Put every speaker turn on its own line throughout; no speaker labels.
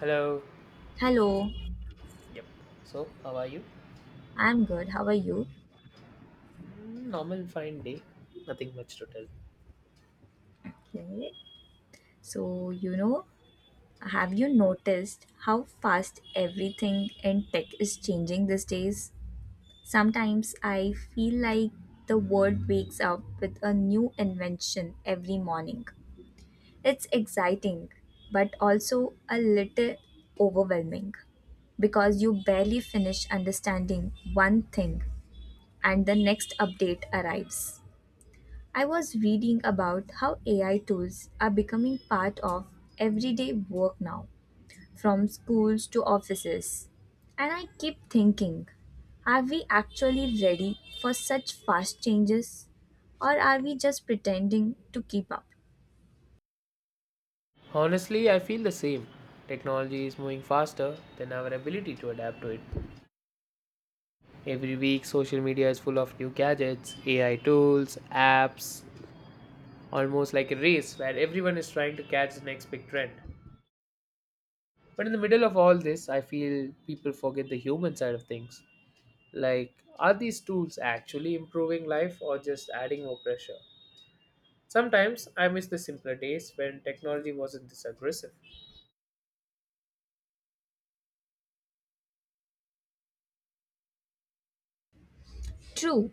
Hello.
Hello,
Yep. So, how are you?
I'm good. How are you?
Normal, fine day. Nothing much to tell.
Okay. So, you know, have you noticed how fast everything in tech is changing these days? Sometimes I feel like the world wakes up with a new invention every morning. It's exciting, but also a little overwhelming because you barely finish understanding one thing and the next update arrives. I was reading about how AI tools are becoming part of everyday work now, from schools to offices. And I keep thinking, are we actually ready for such fast changes? Or are we just pretending to keep up?
Honestly, I feel the same. Technology is moving faster than our ability to adapt to it. Every week, social media is full of new gadgets, AI tools, apps, almost like a race where everyone is trying to catch the next big trend. But in the middle of all this, I feel people forget the human side of things. Like, are these tools actually improving life or just adding more pressure? Sometimes I miss the simpler days when technology wasn't this aggressive.
True,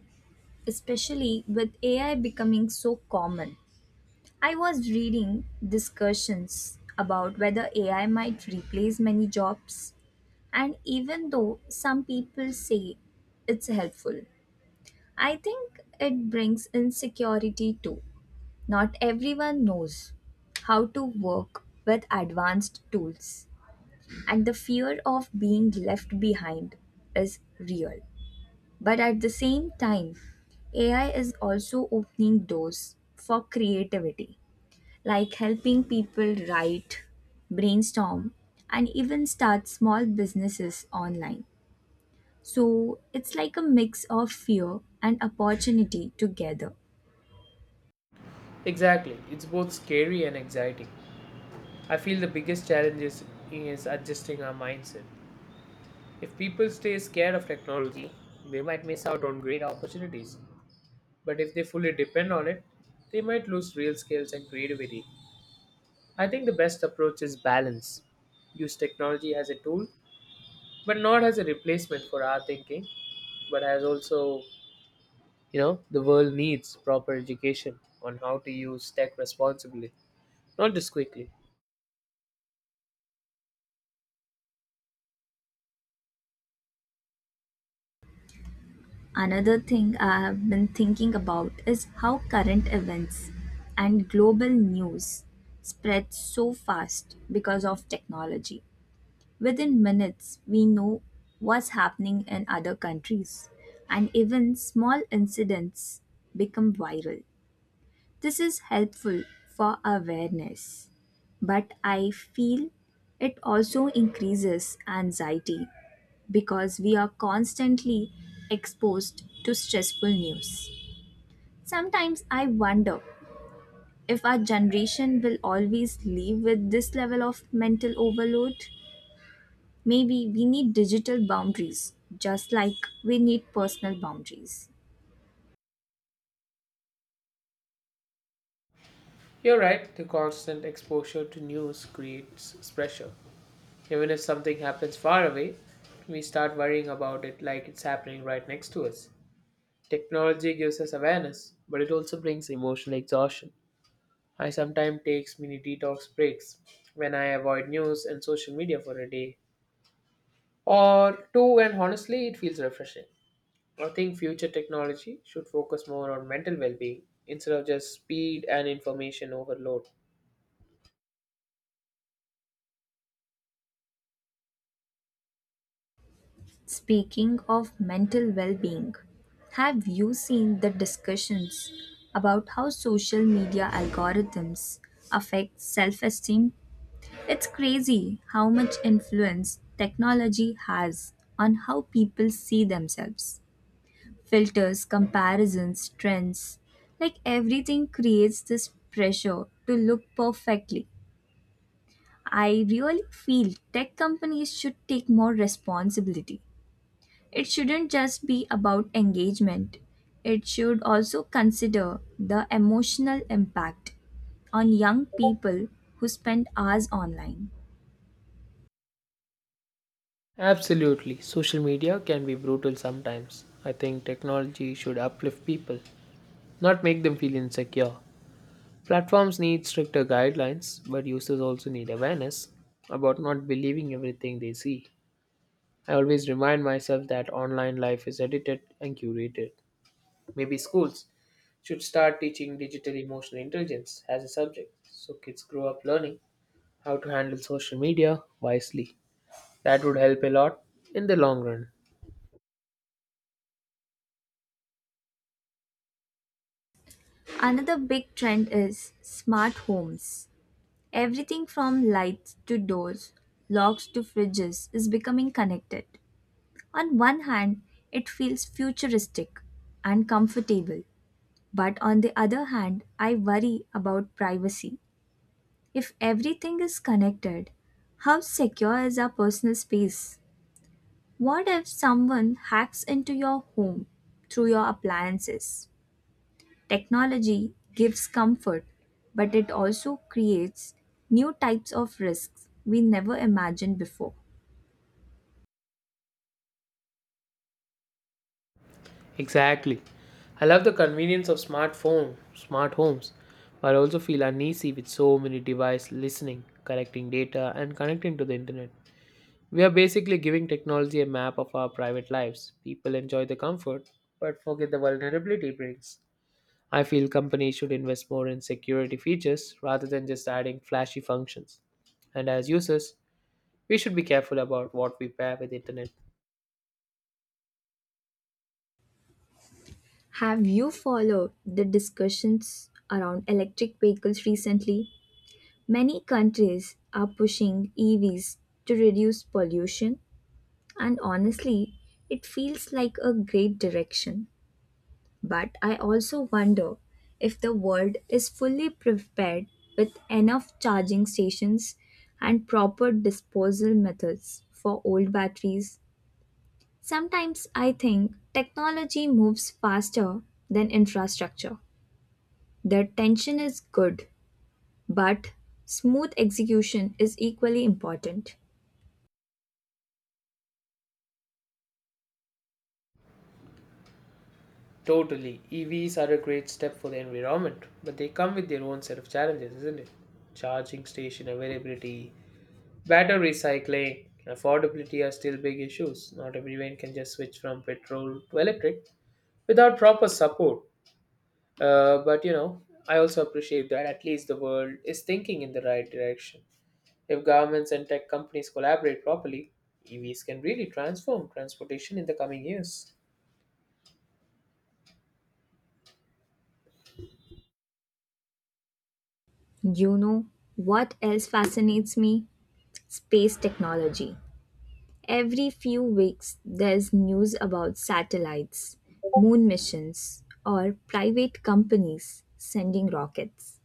especially with AI becoming so common. I was reading discussions about whether AI might replace many jobs. And even though some people say it's helpful, I think it brings insecurity too. Not everyone knows how to work with advanced tools, and the fear of being left behind is real. But at the same time, AI is also opening doors for creativity, like helping people write, brainstorm, and even start small businesses online. So it's like a mix of fear and opportunity together.
Exactly, it's both scary and exciting. I feel the biggest challenge is adjusting our mindset. If people stay scared of technology, they might miss out on great opportunities. But if they fully depend on it, they might lose real skills and creativity. I think the best approach is balance. Use technology as a tool, but not as a replacement for our thinking, but as also. You know, the world needs proper education on how to use tech responsibly, not just quickly.
Another thing I have been thinking about is how current events and global news spread so fast because of technology. Within minutes, we know what's happening in other countries, and even small incidents become viral. This is helpful for awareness, but I feel it also increases anxiety because we are constantly exposed to stressful news. Sometimes I wonder if our generation will always live with this level of mental overload. Maybe we need digital boundaries just like we need personal boundaries.
You're right, the constant exposure to news creates pressure. Even if something happens far away, we start worrying about it like it's happening right next to us. Technology gives us awareness, but it also brings emotional exhaustion. I sometimes take mini detox breaks when I avoid news and social media for a day or two, and honestly, it feels refreshing. I think future technology should focus more on mental well being instead of just speed and information overload.
Speaking of mental well being, have you seen the discussions about how social media algorithms affect self esteem? It's crazy how much influence technology has on how people see themselves. Filters, comparisons, trends like everything creates this pressure to look perfectly. I really feel tech companies should take more responsibility. It shouldn't just be about engagement, it should also consider the emotional impact on young people who spend hours online.
Absolutely. Social media can be brutal sometimes. I think technology should uplift people, not make them feel insecure. Platforms need stricter guidelines, but users also need awareness about not believing everything they see. I always remind myself that online life is edited and curated. Maybe schools should start teaching digital emotional intelligence as a subject so kids grow up learning how to handle social media wisely. That would help a lot in the long run.
Another big trend is smart homes. Everything from lights to doors, locks to fridges is becoming connected. On one hand, it feels futuristic and comfortable, but on the other hand, I worry about privacy. If everything is connected, how secure is our personal space? What if someone hacks into your home through your appliances? Technology gives comfort, but it also creates new types of risks we never imagined before.
Exactly. I love the convenience of smart phone, smart homes, but I also feel uneasy with so many devices listening, collecting data and connecting to the internet. We are basically giving technology a map of our private lives. People enjoy the comfort but forget the vulnerability it brings. I feel companies should invest more in security features rather than just adding flashy functions. And as users, we should be careful about what we pair with internet.
Have you followed the discussions around electric vehicles recently? Many countries are pushing EVs to reduce pollution. And honestly, it feels like a great direction. But I also wonder if the world is fully prepared with enough charging stations and proper disposal methods for old batteries. Sometimes I think technology moves faster than infrastructure. The tension is good, but smooth execution is equally important.
Totally. EVs are a great step for the environment, but they come with their own set of challenges, isn't it? Charging station availability, battery recycling, and affordability are still big issues. Not everyone can just switch from petrol to electric without proper support. But you know, I also appreciate that at least the world is thinking in the right direction. If governments and tech companies collaborate properly, EVs can really transform transportation in the coming years.
You know what else fascinates me? Space technology. Every few weeks, there's news about satellites, moon missions, or private companies sending rockets.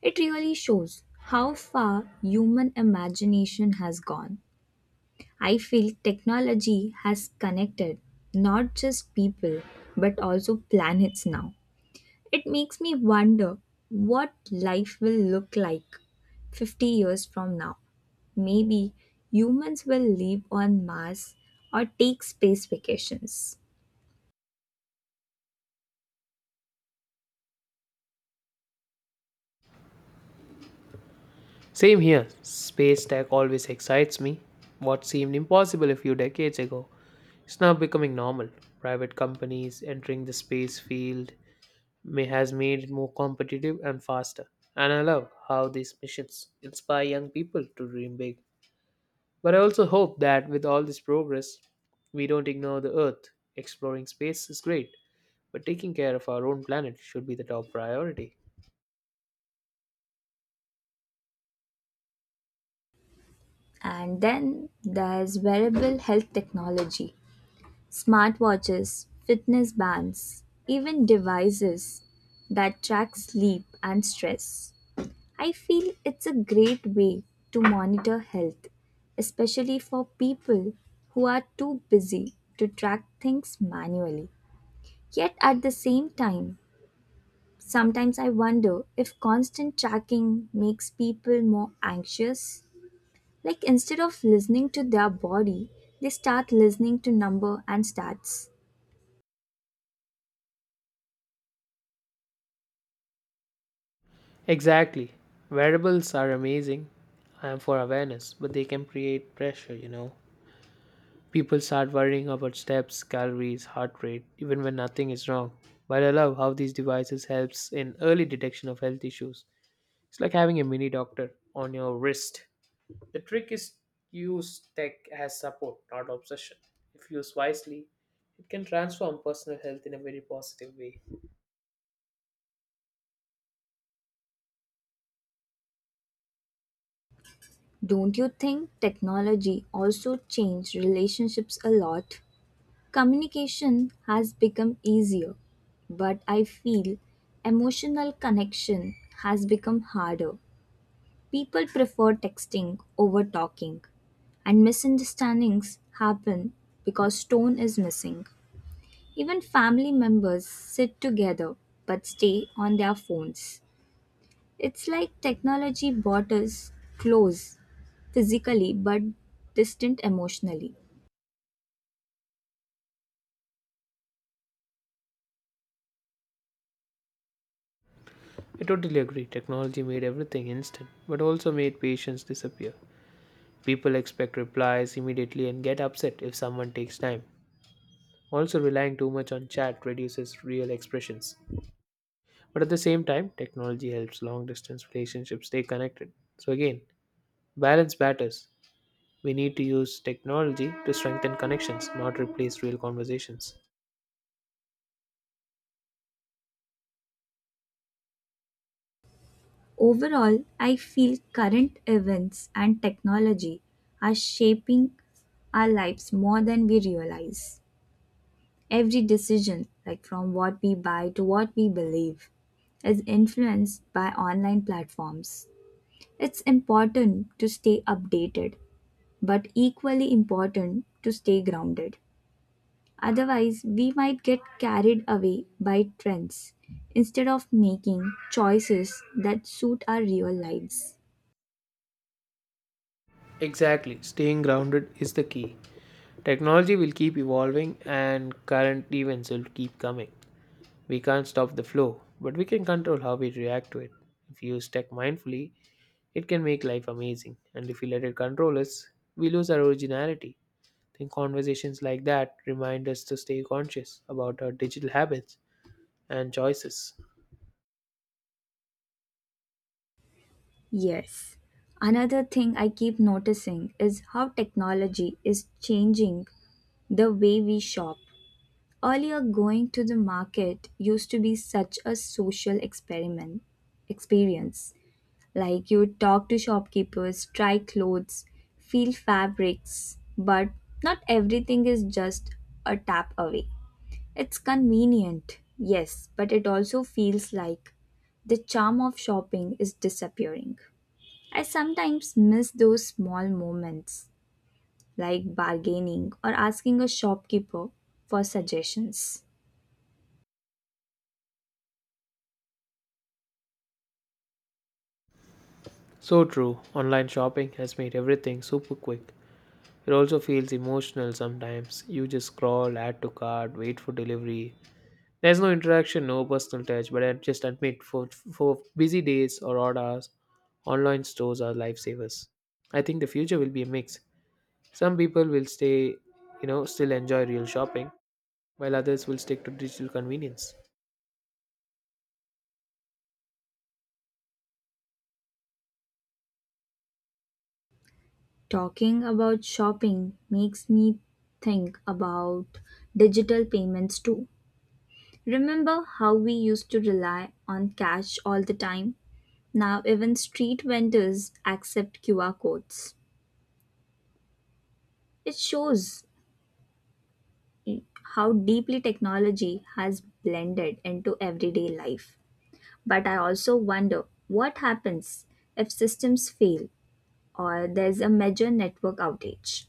It really shows how far human imagination has gone. I feel technology has connected not just people but also planets now. It makes me wonder what life will look like 50 years from now. Maybe humans will live on Mars or take space vacations.
Same here. Space tech always excites me. What seemed impossible a few decades ago is now becoming normal. Private companies entering the space field may has made it more competitive and faster. And I love how these missions inspire young people to dream big. But I also hope that with all this progress, we don't ignore the Earth. Exploring space is great, but taking care of our own planet should be the top priority.
And then there's wearable health technology, smartwatches, fitness bands, even devices that track sleep and stress. I feel it's a great way to monitor health, especially for people who are too busy to track things manually. Yet at the same time, sometimes I wonder if constant tracking makes people more anxious. Like instead of listening to their body, they start listening to number and stats.
Exactly. Variables are amazing. I for awareness, but they can create pressure, you know. People start worrying about steps, calories, heart rate, even when nothing is wrong. But I love how these devices helps in early detection of health issues. It's like having a mini doctor on your wrist. The trick is use tech as support, not obsession. If used wisely, it can transform personal health in a very positive way.
Don't you think technology also changed relationships a lot? Communication has become easier, but I feel emotional connection has become harder. People prefer texting over talking, and misunderstandings happen because tone is missing. Even family members sit together but stay on their phones. It's like technology brought us close physically but distant emotionally.
I totally agree. Technology made everything instant, but also made patience disappear. People expect replies immediately and get upset if someone takes time. Also, relying too much on chat reduces real expressions. But at the same time, technology helps long distance relationships stay connected. So, again, balance matters. We need to use technology to strengthen connections, not replace real conversations.
Overall, I feel current events and technology are shaping our lives more than we realize. Every decision, like from what we buy to what we believe, is influenced by online platforms. It's important to stay updated, but equally important to stay grounded. Otherwise, we might get carried away by trends instead of making choices that suit our real lives.
Exactly, staying grounded is the key. Technology will keep evolving and current events will keep coming. We can't stop the flow, but we can control how we react to it. If you use tech mindfully, it can make life amazing, and if we let it control us, we lose our originality. I think conversations like that remind us to stay conscious about our digital habits and choices.
Yes. Another thing I keep noticing is how technology is changing the way we shop. Earlier, going to the market used to be such a social experiment experience. Like you would talk to shopkeepers, try clothes, feel fabrics, but not everything is just a tap away. It's convenient, yes, but it also feels like the charm of shopping is disappearing. I sometimes miss those small moments like bargaining or asking a shopkeeper for suggestions.
So true, online shopping has made everything super quick. It also feels emotional sometimes. You just scroll, add to cart, wait for delivery. There's no interaction, no personal touch, but I just admit for busy days or odd hours, online stores are lifesavers. I think the future will be a mix. Some people will stay, you know, still enjoy real shopping, while others will stick to digital convenience.
Talking about shopping makes me think about digital payments too. Remember how we used to rely on cash all the time? Now, even street vendors accept QR codes. It shows how deeply technology has blended into everyday life. But I also wonder what happens if systems fail or there's a major network outage.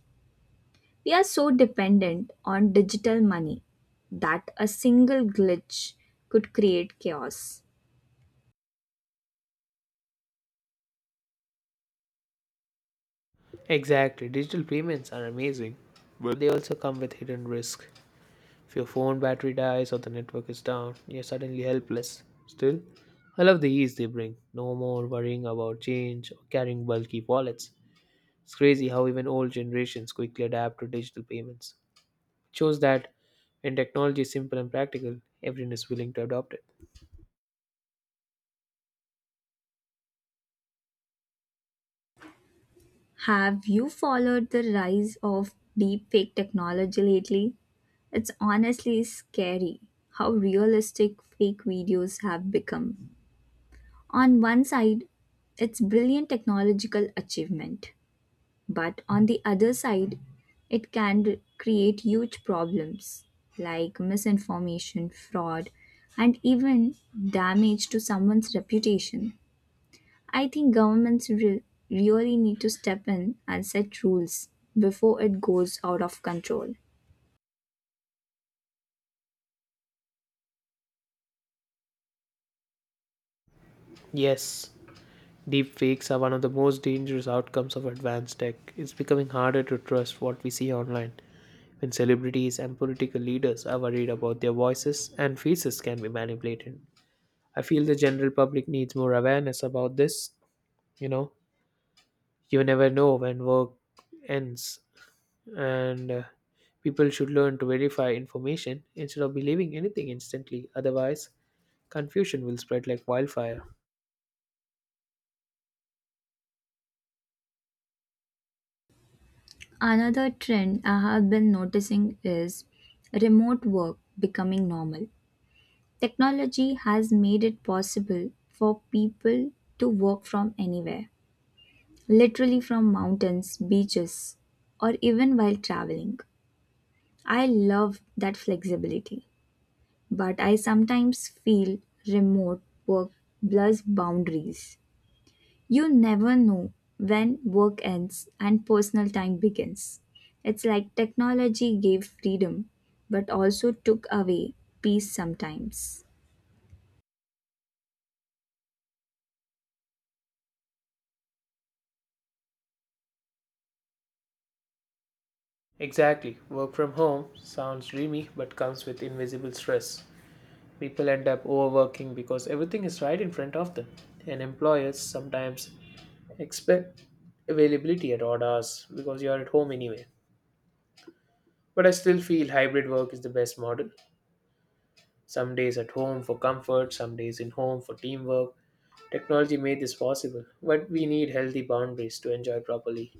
We are so dependent on digital money that a single glitch could create chaos.
Exactly, digital payments are amazing, but they also come with hidden risk. If your phone battery dies or the network is down, you're suddenly helpless. Still, I love the ease they bring. No more worrying about change or carrying bulky wallets. It's crazy how even old generations quickly adapt to digital payments. It shows that when technology is simple and practical, everyone is willing to adopt it.
Have you followed the rise of deepfake technology lately? It's honestly scary how realistic fake videos have become. On one side, it's brilliant technological achievement. But on the other side, it can create huge problems like misinformation, fraud, and even damage to someone's reputation. I think governments really need to step in and set rules before it goes out of control.
Yes, deepfakes are one of the most dangerous outcomes of advanced tech. It's becoming harder to trust what we see online when celebrities and political leaders are worried about their voices and faces can be manipulated. I feel the general public needs more awareness about this. You know, you never know when work ends, and people should learn to verify information instead of believing anything instantly. Otherwise, confusion will spread like wildfire.
Another trend I have been noticing is remote work becoming normal. Technology has made it possible for people to work from anywhere literally from mountains, beaches, or even while traveling. I love that flexibility, but I sometimes feel remote work blurs boundaries. You never know when work ends and personal time begins. It's like technology gave freedom, but also took away peace sometimes.
Exactly. Work from home sounds dreamy but comes with invisible stress. People end up overworking because everything is right in front of them. And employers sometimes expect availability at odd hours because you're at home anyway. But I still feel hybrid work is the best model. Some days at home for comfort, some days in home for teamwork. Technology made this possible, but we need healthy boundaries to enjoy properly.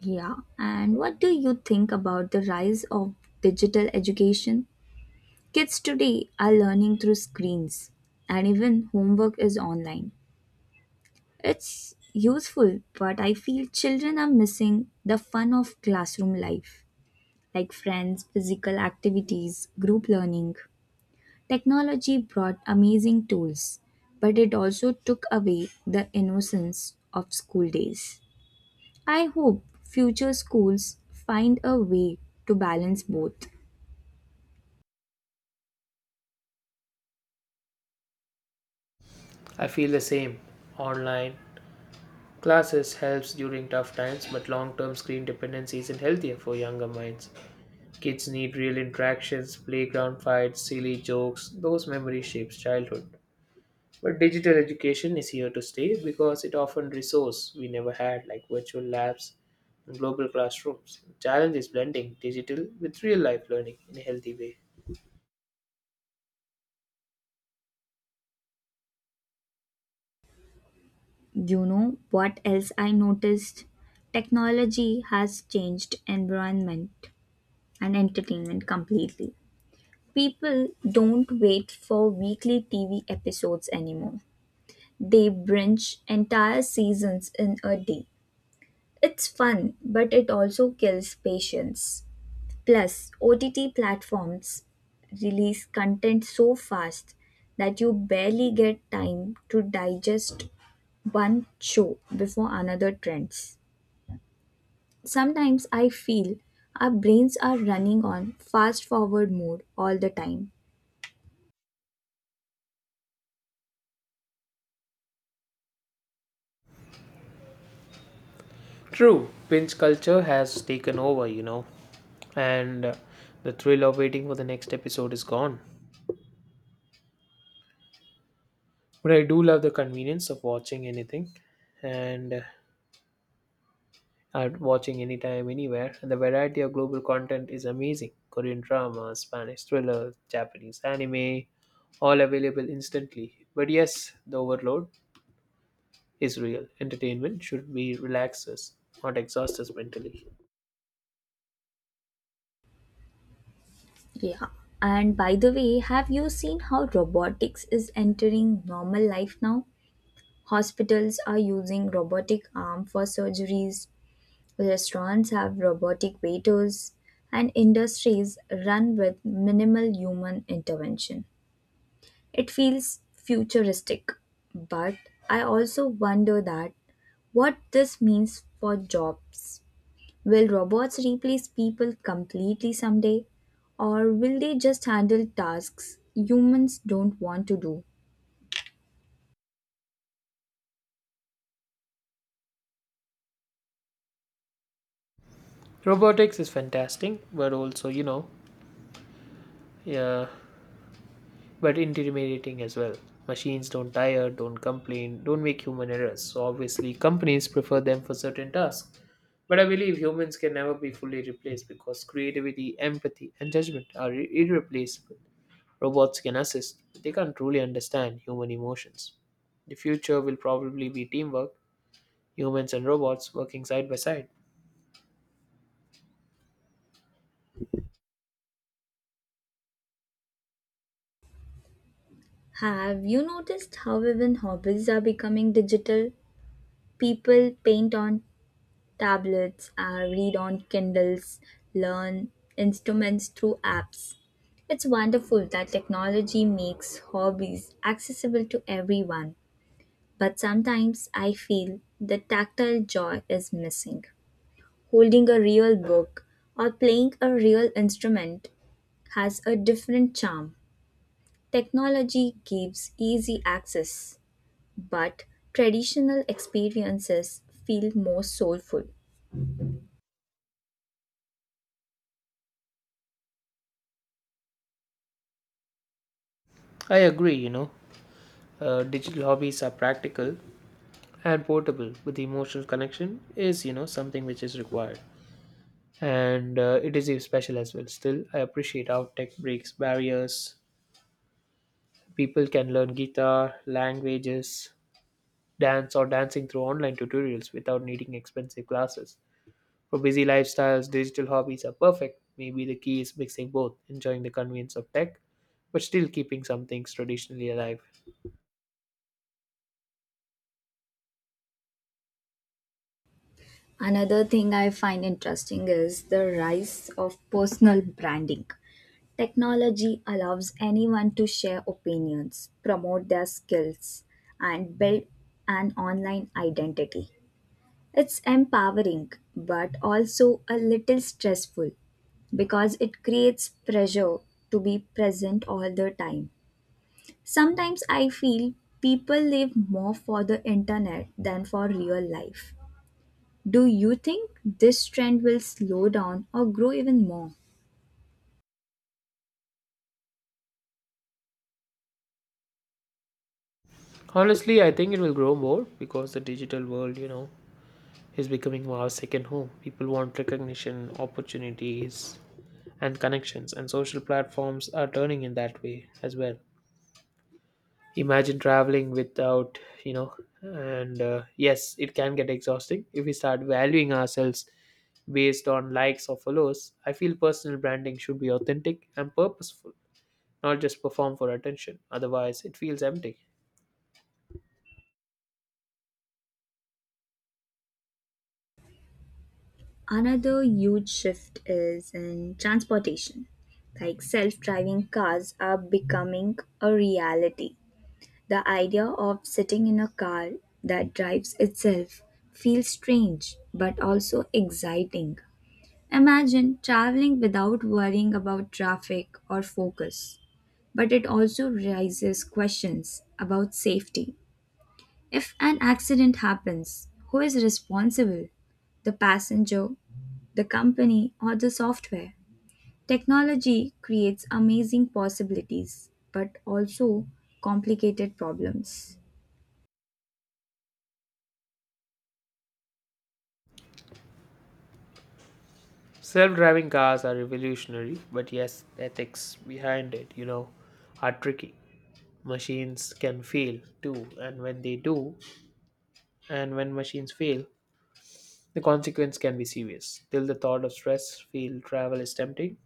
Yeah, and what do you think about the rise of digital education? Kids today are learning through screens and even homework is online. It's useful, but I feel children are missing the fun of classroom life, like friends, physical activities, group learning. Technology brought amazing tools, but it also took away the innocence of school days. I hope future schools find a way to balance both.
I feel the same. Online classes helps during tough times, but long-term screen dependence isn't healthier for younger minds. Kids need real interactions, playground fights, silly jokes. Those memories shapes childhood. But digital education is here to stay because it offers resource we never had, like virtual labs and global classrooms. The challenge is blending digital with real-life learning in a healthy way.
You know what else I noticed? Technology has changed environment and entertainment completely. People don't wait for weekly TV episodes anymore. They binge entire seasons in a day. It's fun, but it also kills patience. Plus, OTT platforms release content so fast that you barely get time to digest one show before another trends. Sometimes I feel our brains are running on fast forward mode all the time.
True, binge culture has taken over, you know, and the thrill of waiting for the next episode is gone. But I do love the convenience of watching anything and at watching anytime, anywhere. And the variety of global content is amazing. Korean drama, Spanish thriller, Japanese anime, all available instantly. But yes, the overload is real. Entertainment should be relax us, not exhaust us mentally.
Yeah. And by the way, have you seen how robotics is entering normal life now? Hospitals are using robotic arm for surgeries, restaurants have robotic waiters, and industries run with minimal human intervention. It feels futuristic, but I also wonder that what this means for jobs. Will robots replace people completely someday? Or will they just handle tasks humans don't want to do?
Robotics is fantastic, but also, you know, yeah, but intimidating as well. Machines don't tire, don't complain, don't make human errors. So obviously, companies prefer them for certain tasks. But I believe humans can never be fully replaced because creativity, empathy, and judgment are irreplaceable. Robots can assist, but they can't truly understand human emotions. The future will probably be teamwork, humans and robots working side by side.
Have you noticed how even hobbies are becoming digital? People paint on tablets, read on Kindles, learn instruments through apps. It's wonderful that technology makes hobbies accessible to everyone, but sometimes I feel the tactile joy is missing. Holding a real book, or playing a real instrument has a different charm. Technology gives easy access, but traditional experiences feel more soulful.
I agree, you know. Digital hobbies are practical and portable, but the emotional connection is, you know, something which is required. And it is special as well. Still, I appreciate how tech breaks barriers. People can learn guitar, languages, dance, or dancing through online tutorials without needing expensive classes. For busy lifestyles, digital hobbies are perfect. Maybe the key is mixing both, enjoying the convenience of tech, but still keeping some things traditionally alive.
Another thing I find interesting is the rise of personal branding. Technology allows anyone to share opinions, promote their skills, and build an online identity. It's empowering, but also a little stressful because it creates pressure to be present all the time. Sometimes I feel people live more for the internet than for real life. Do you think this trend will slow down or grow even more?
Honestly, I think it will grow more because the digital world, you know, is becoming more our second home. People want recognition, opportunities, and connections, and social platforms are turning in that way as well. Imagine traveling without, you know, and yes, it can get exhausting if we start valuing ourselves based on likes or follows. I feel personal branding should be authentic and purposeful, not just perform for attention. Otherwise, it feels empty.
Another huge shift is in transportation. Like self driving cars are becoming a reality. The idea of sitting in a car that drives itself feels strange but also exciting. Imagine traveling without worrying about traffic or focus. But it also raises questions about safety. If an accident happens, who is responsible? The passenger, the company, or the software? Technology creates amazing possibilities but also complicated problems.
Self driving cars are revolutionary, but yes, the ethics behind it, you know, are tricky. Machines can fail too, and when machines fail, the consequence can be serious. Till the thought of stress field travel is tempting,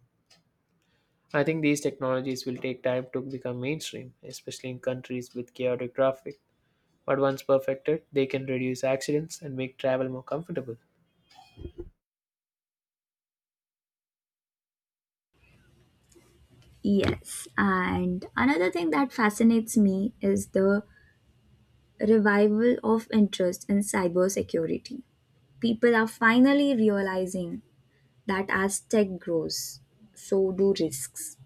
I think these technologies will take time to become mainstream, especially in countries with chaotic traffic. But once perfected, they can reduce accidents and make travel more comfortable.
Yes, and another thing that fascinates me is the revival of interest in cybersecurity. People are finally realizing that as tech grows, so do risks.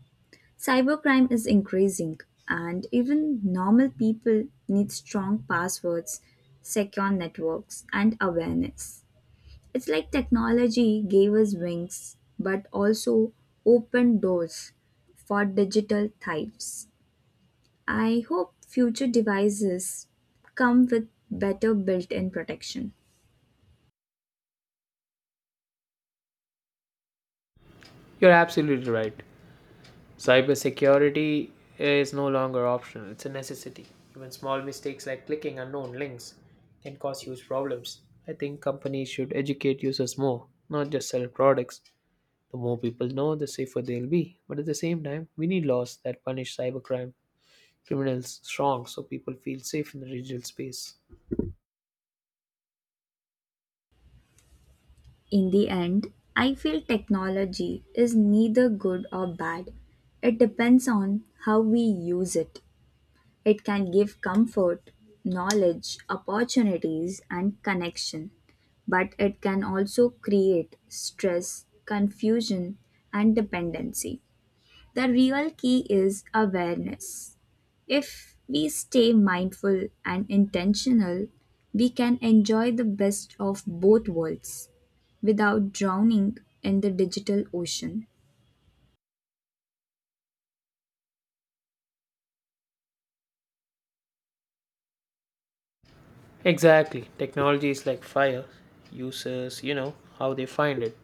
Cybercrime is increasing, and even normal people need strong passwords, secure networks, and awareness. It's like technology gave us wings but also opened doors for digital thieves. I hope future devices come with better built in protection.
You're absolutely right. Cybersecurity is no longer optional, it's a necessity. Even small mistakes like clicking unknown links can cause huge problems. I think companies should educate users more, not just sell products. The more people know, the safer they'll be. But at the same time, we need laws that punish cybercrime criminals strong so people feel safe in the digital space.
In the end, I feel technology is neither good or bad. It depends on how we use it. It can give comfort, knowledge, opportunities, and connection, but it can also create stress, confusion, and dependency. The real key is awareness. If we stay mindful and intentional, we can enjoy the best of both worlds without drowning in the digital ocean.
Exactly. Technology is like fire. Users, you know, how they find it.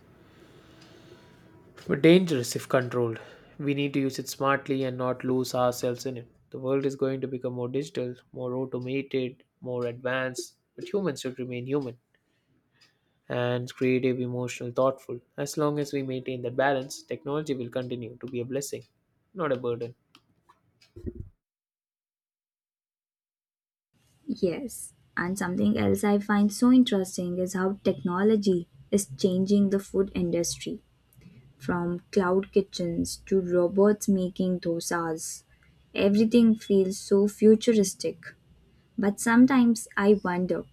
But dangerous if controlled. We need to use it smartly and not lose ourselves in it. The world is going to become more digital, more automated, more advanced, but humans should remain human. And creative, emotional, thoughtful. As long as we maintain that balance, technology will continue to be a blessing, not a burden.
Yes, and something else I find so interesting is how technology is changing the food industry from cloud kitchens to robots making dosas. Everything feels so futuristic, but sometimes I wonder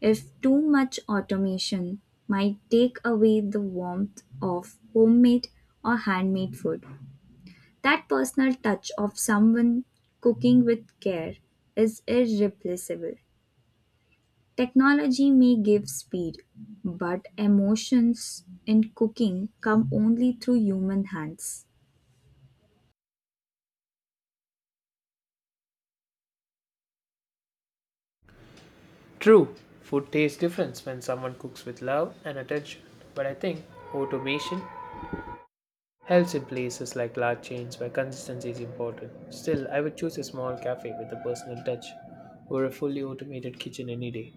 if too much automation might take away the warmth of homemade or handmade food, that personal touch of someone cooking with care is irreplaceable. Technology may give speed, but emotions in cooking come only through human hands.
True, food tastes different when someone cooks with love and attention, but I think automation helps in places like large chains where consistency is important. Still, I would choose a small cafe with a personal touch over a fully automated kitchen any day.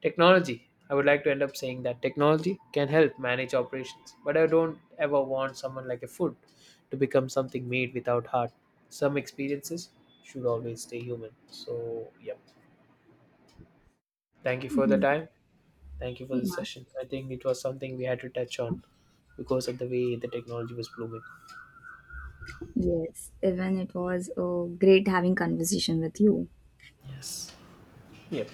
Technology. I would like to end up saying that technology can help manage operations, but I don't ever want someone like a food to become something made without heart. Some experiences should always stay human. So, yep. Thank you for the
Yeah.
time. Thank you for the session. I think it was something we had to touch on because of the way the technology was blooming.
Yes, even it was great having conversation with you.
Yes. Yep.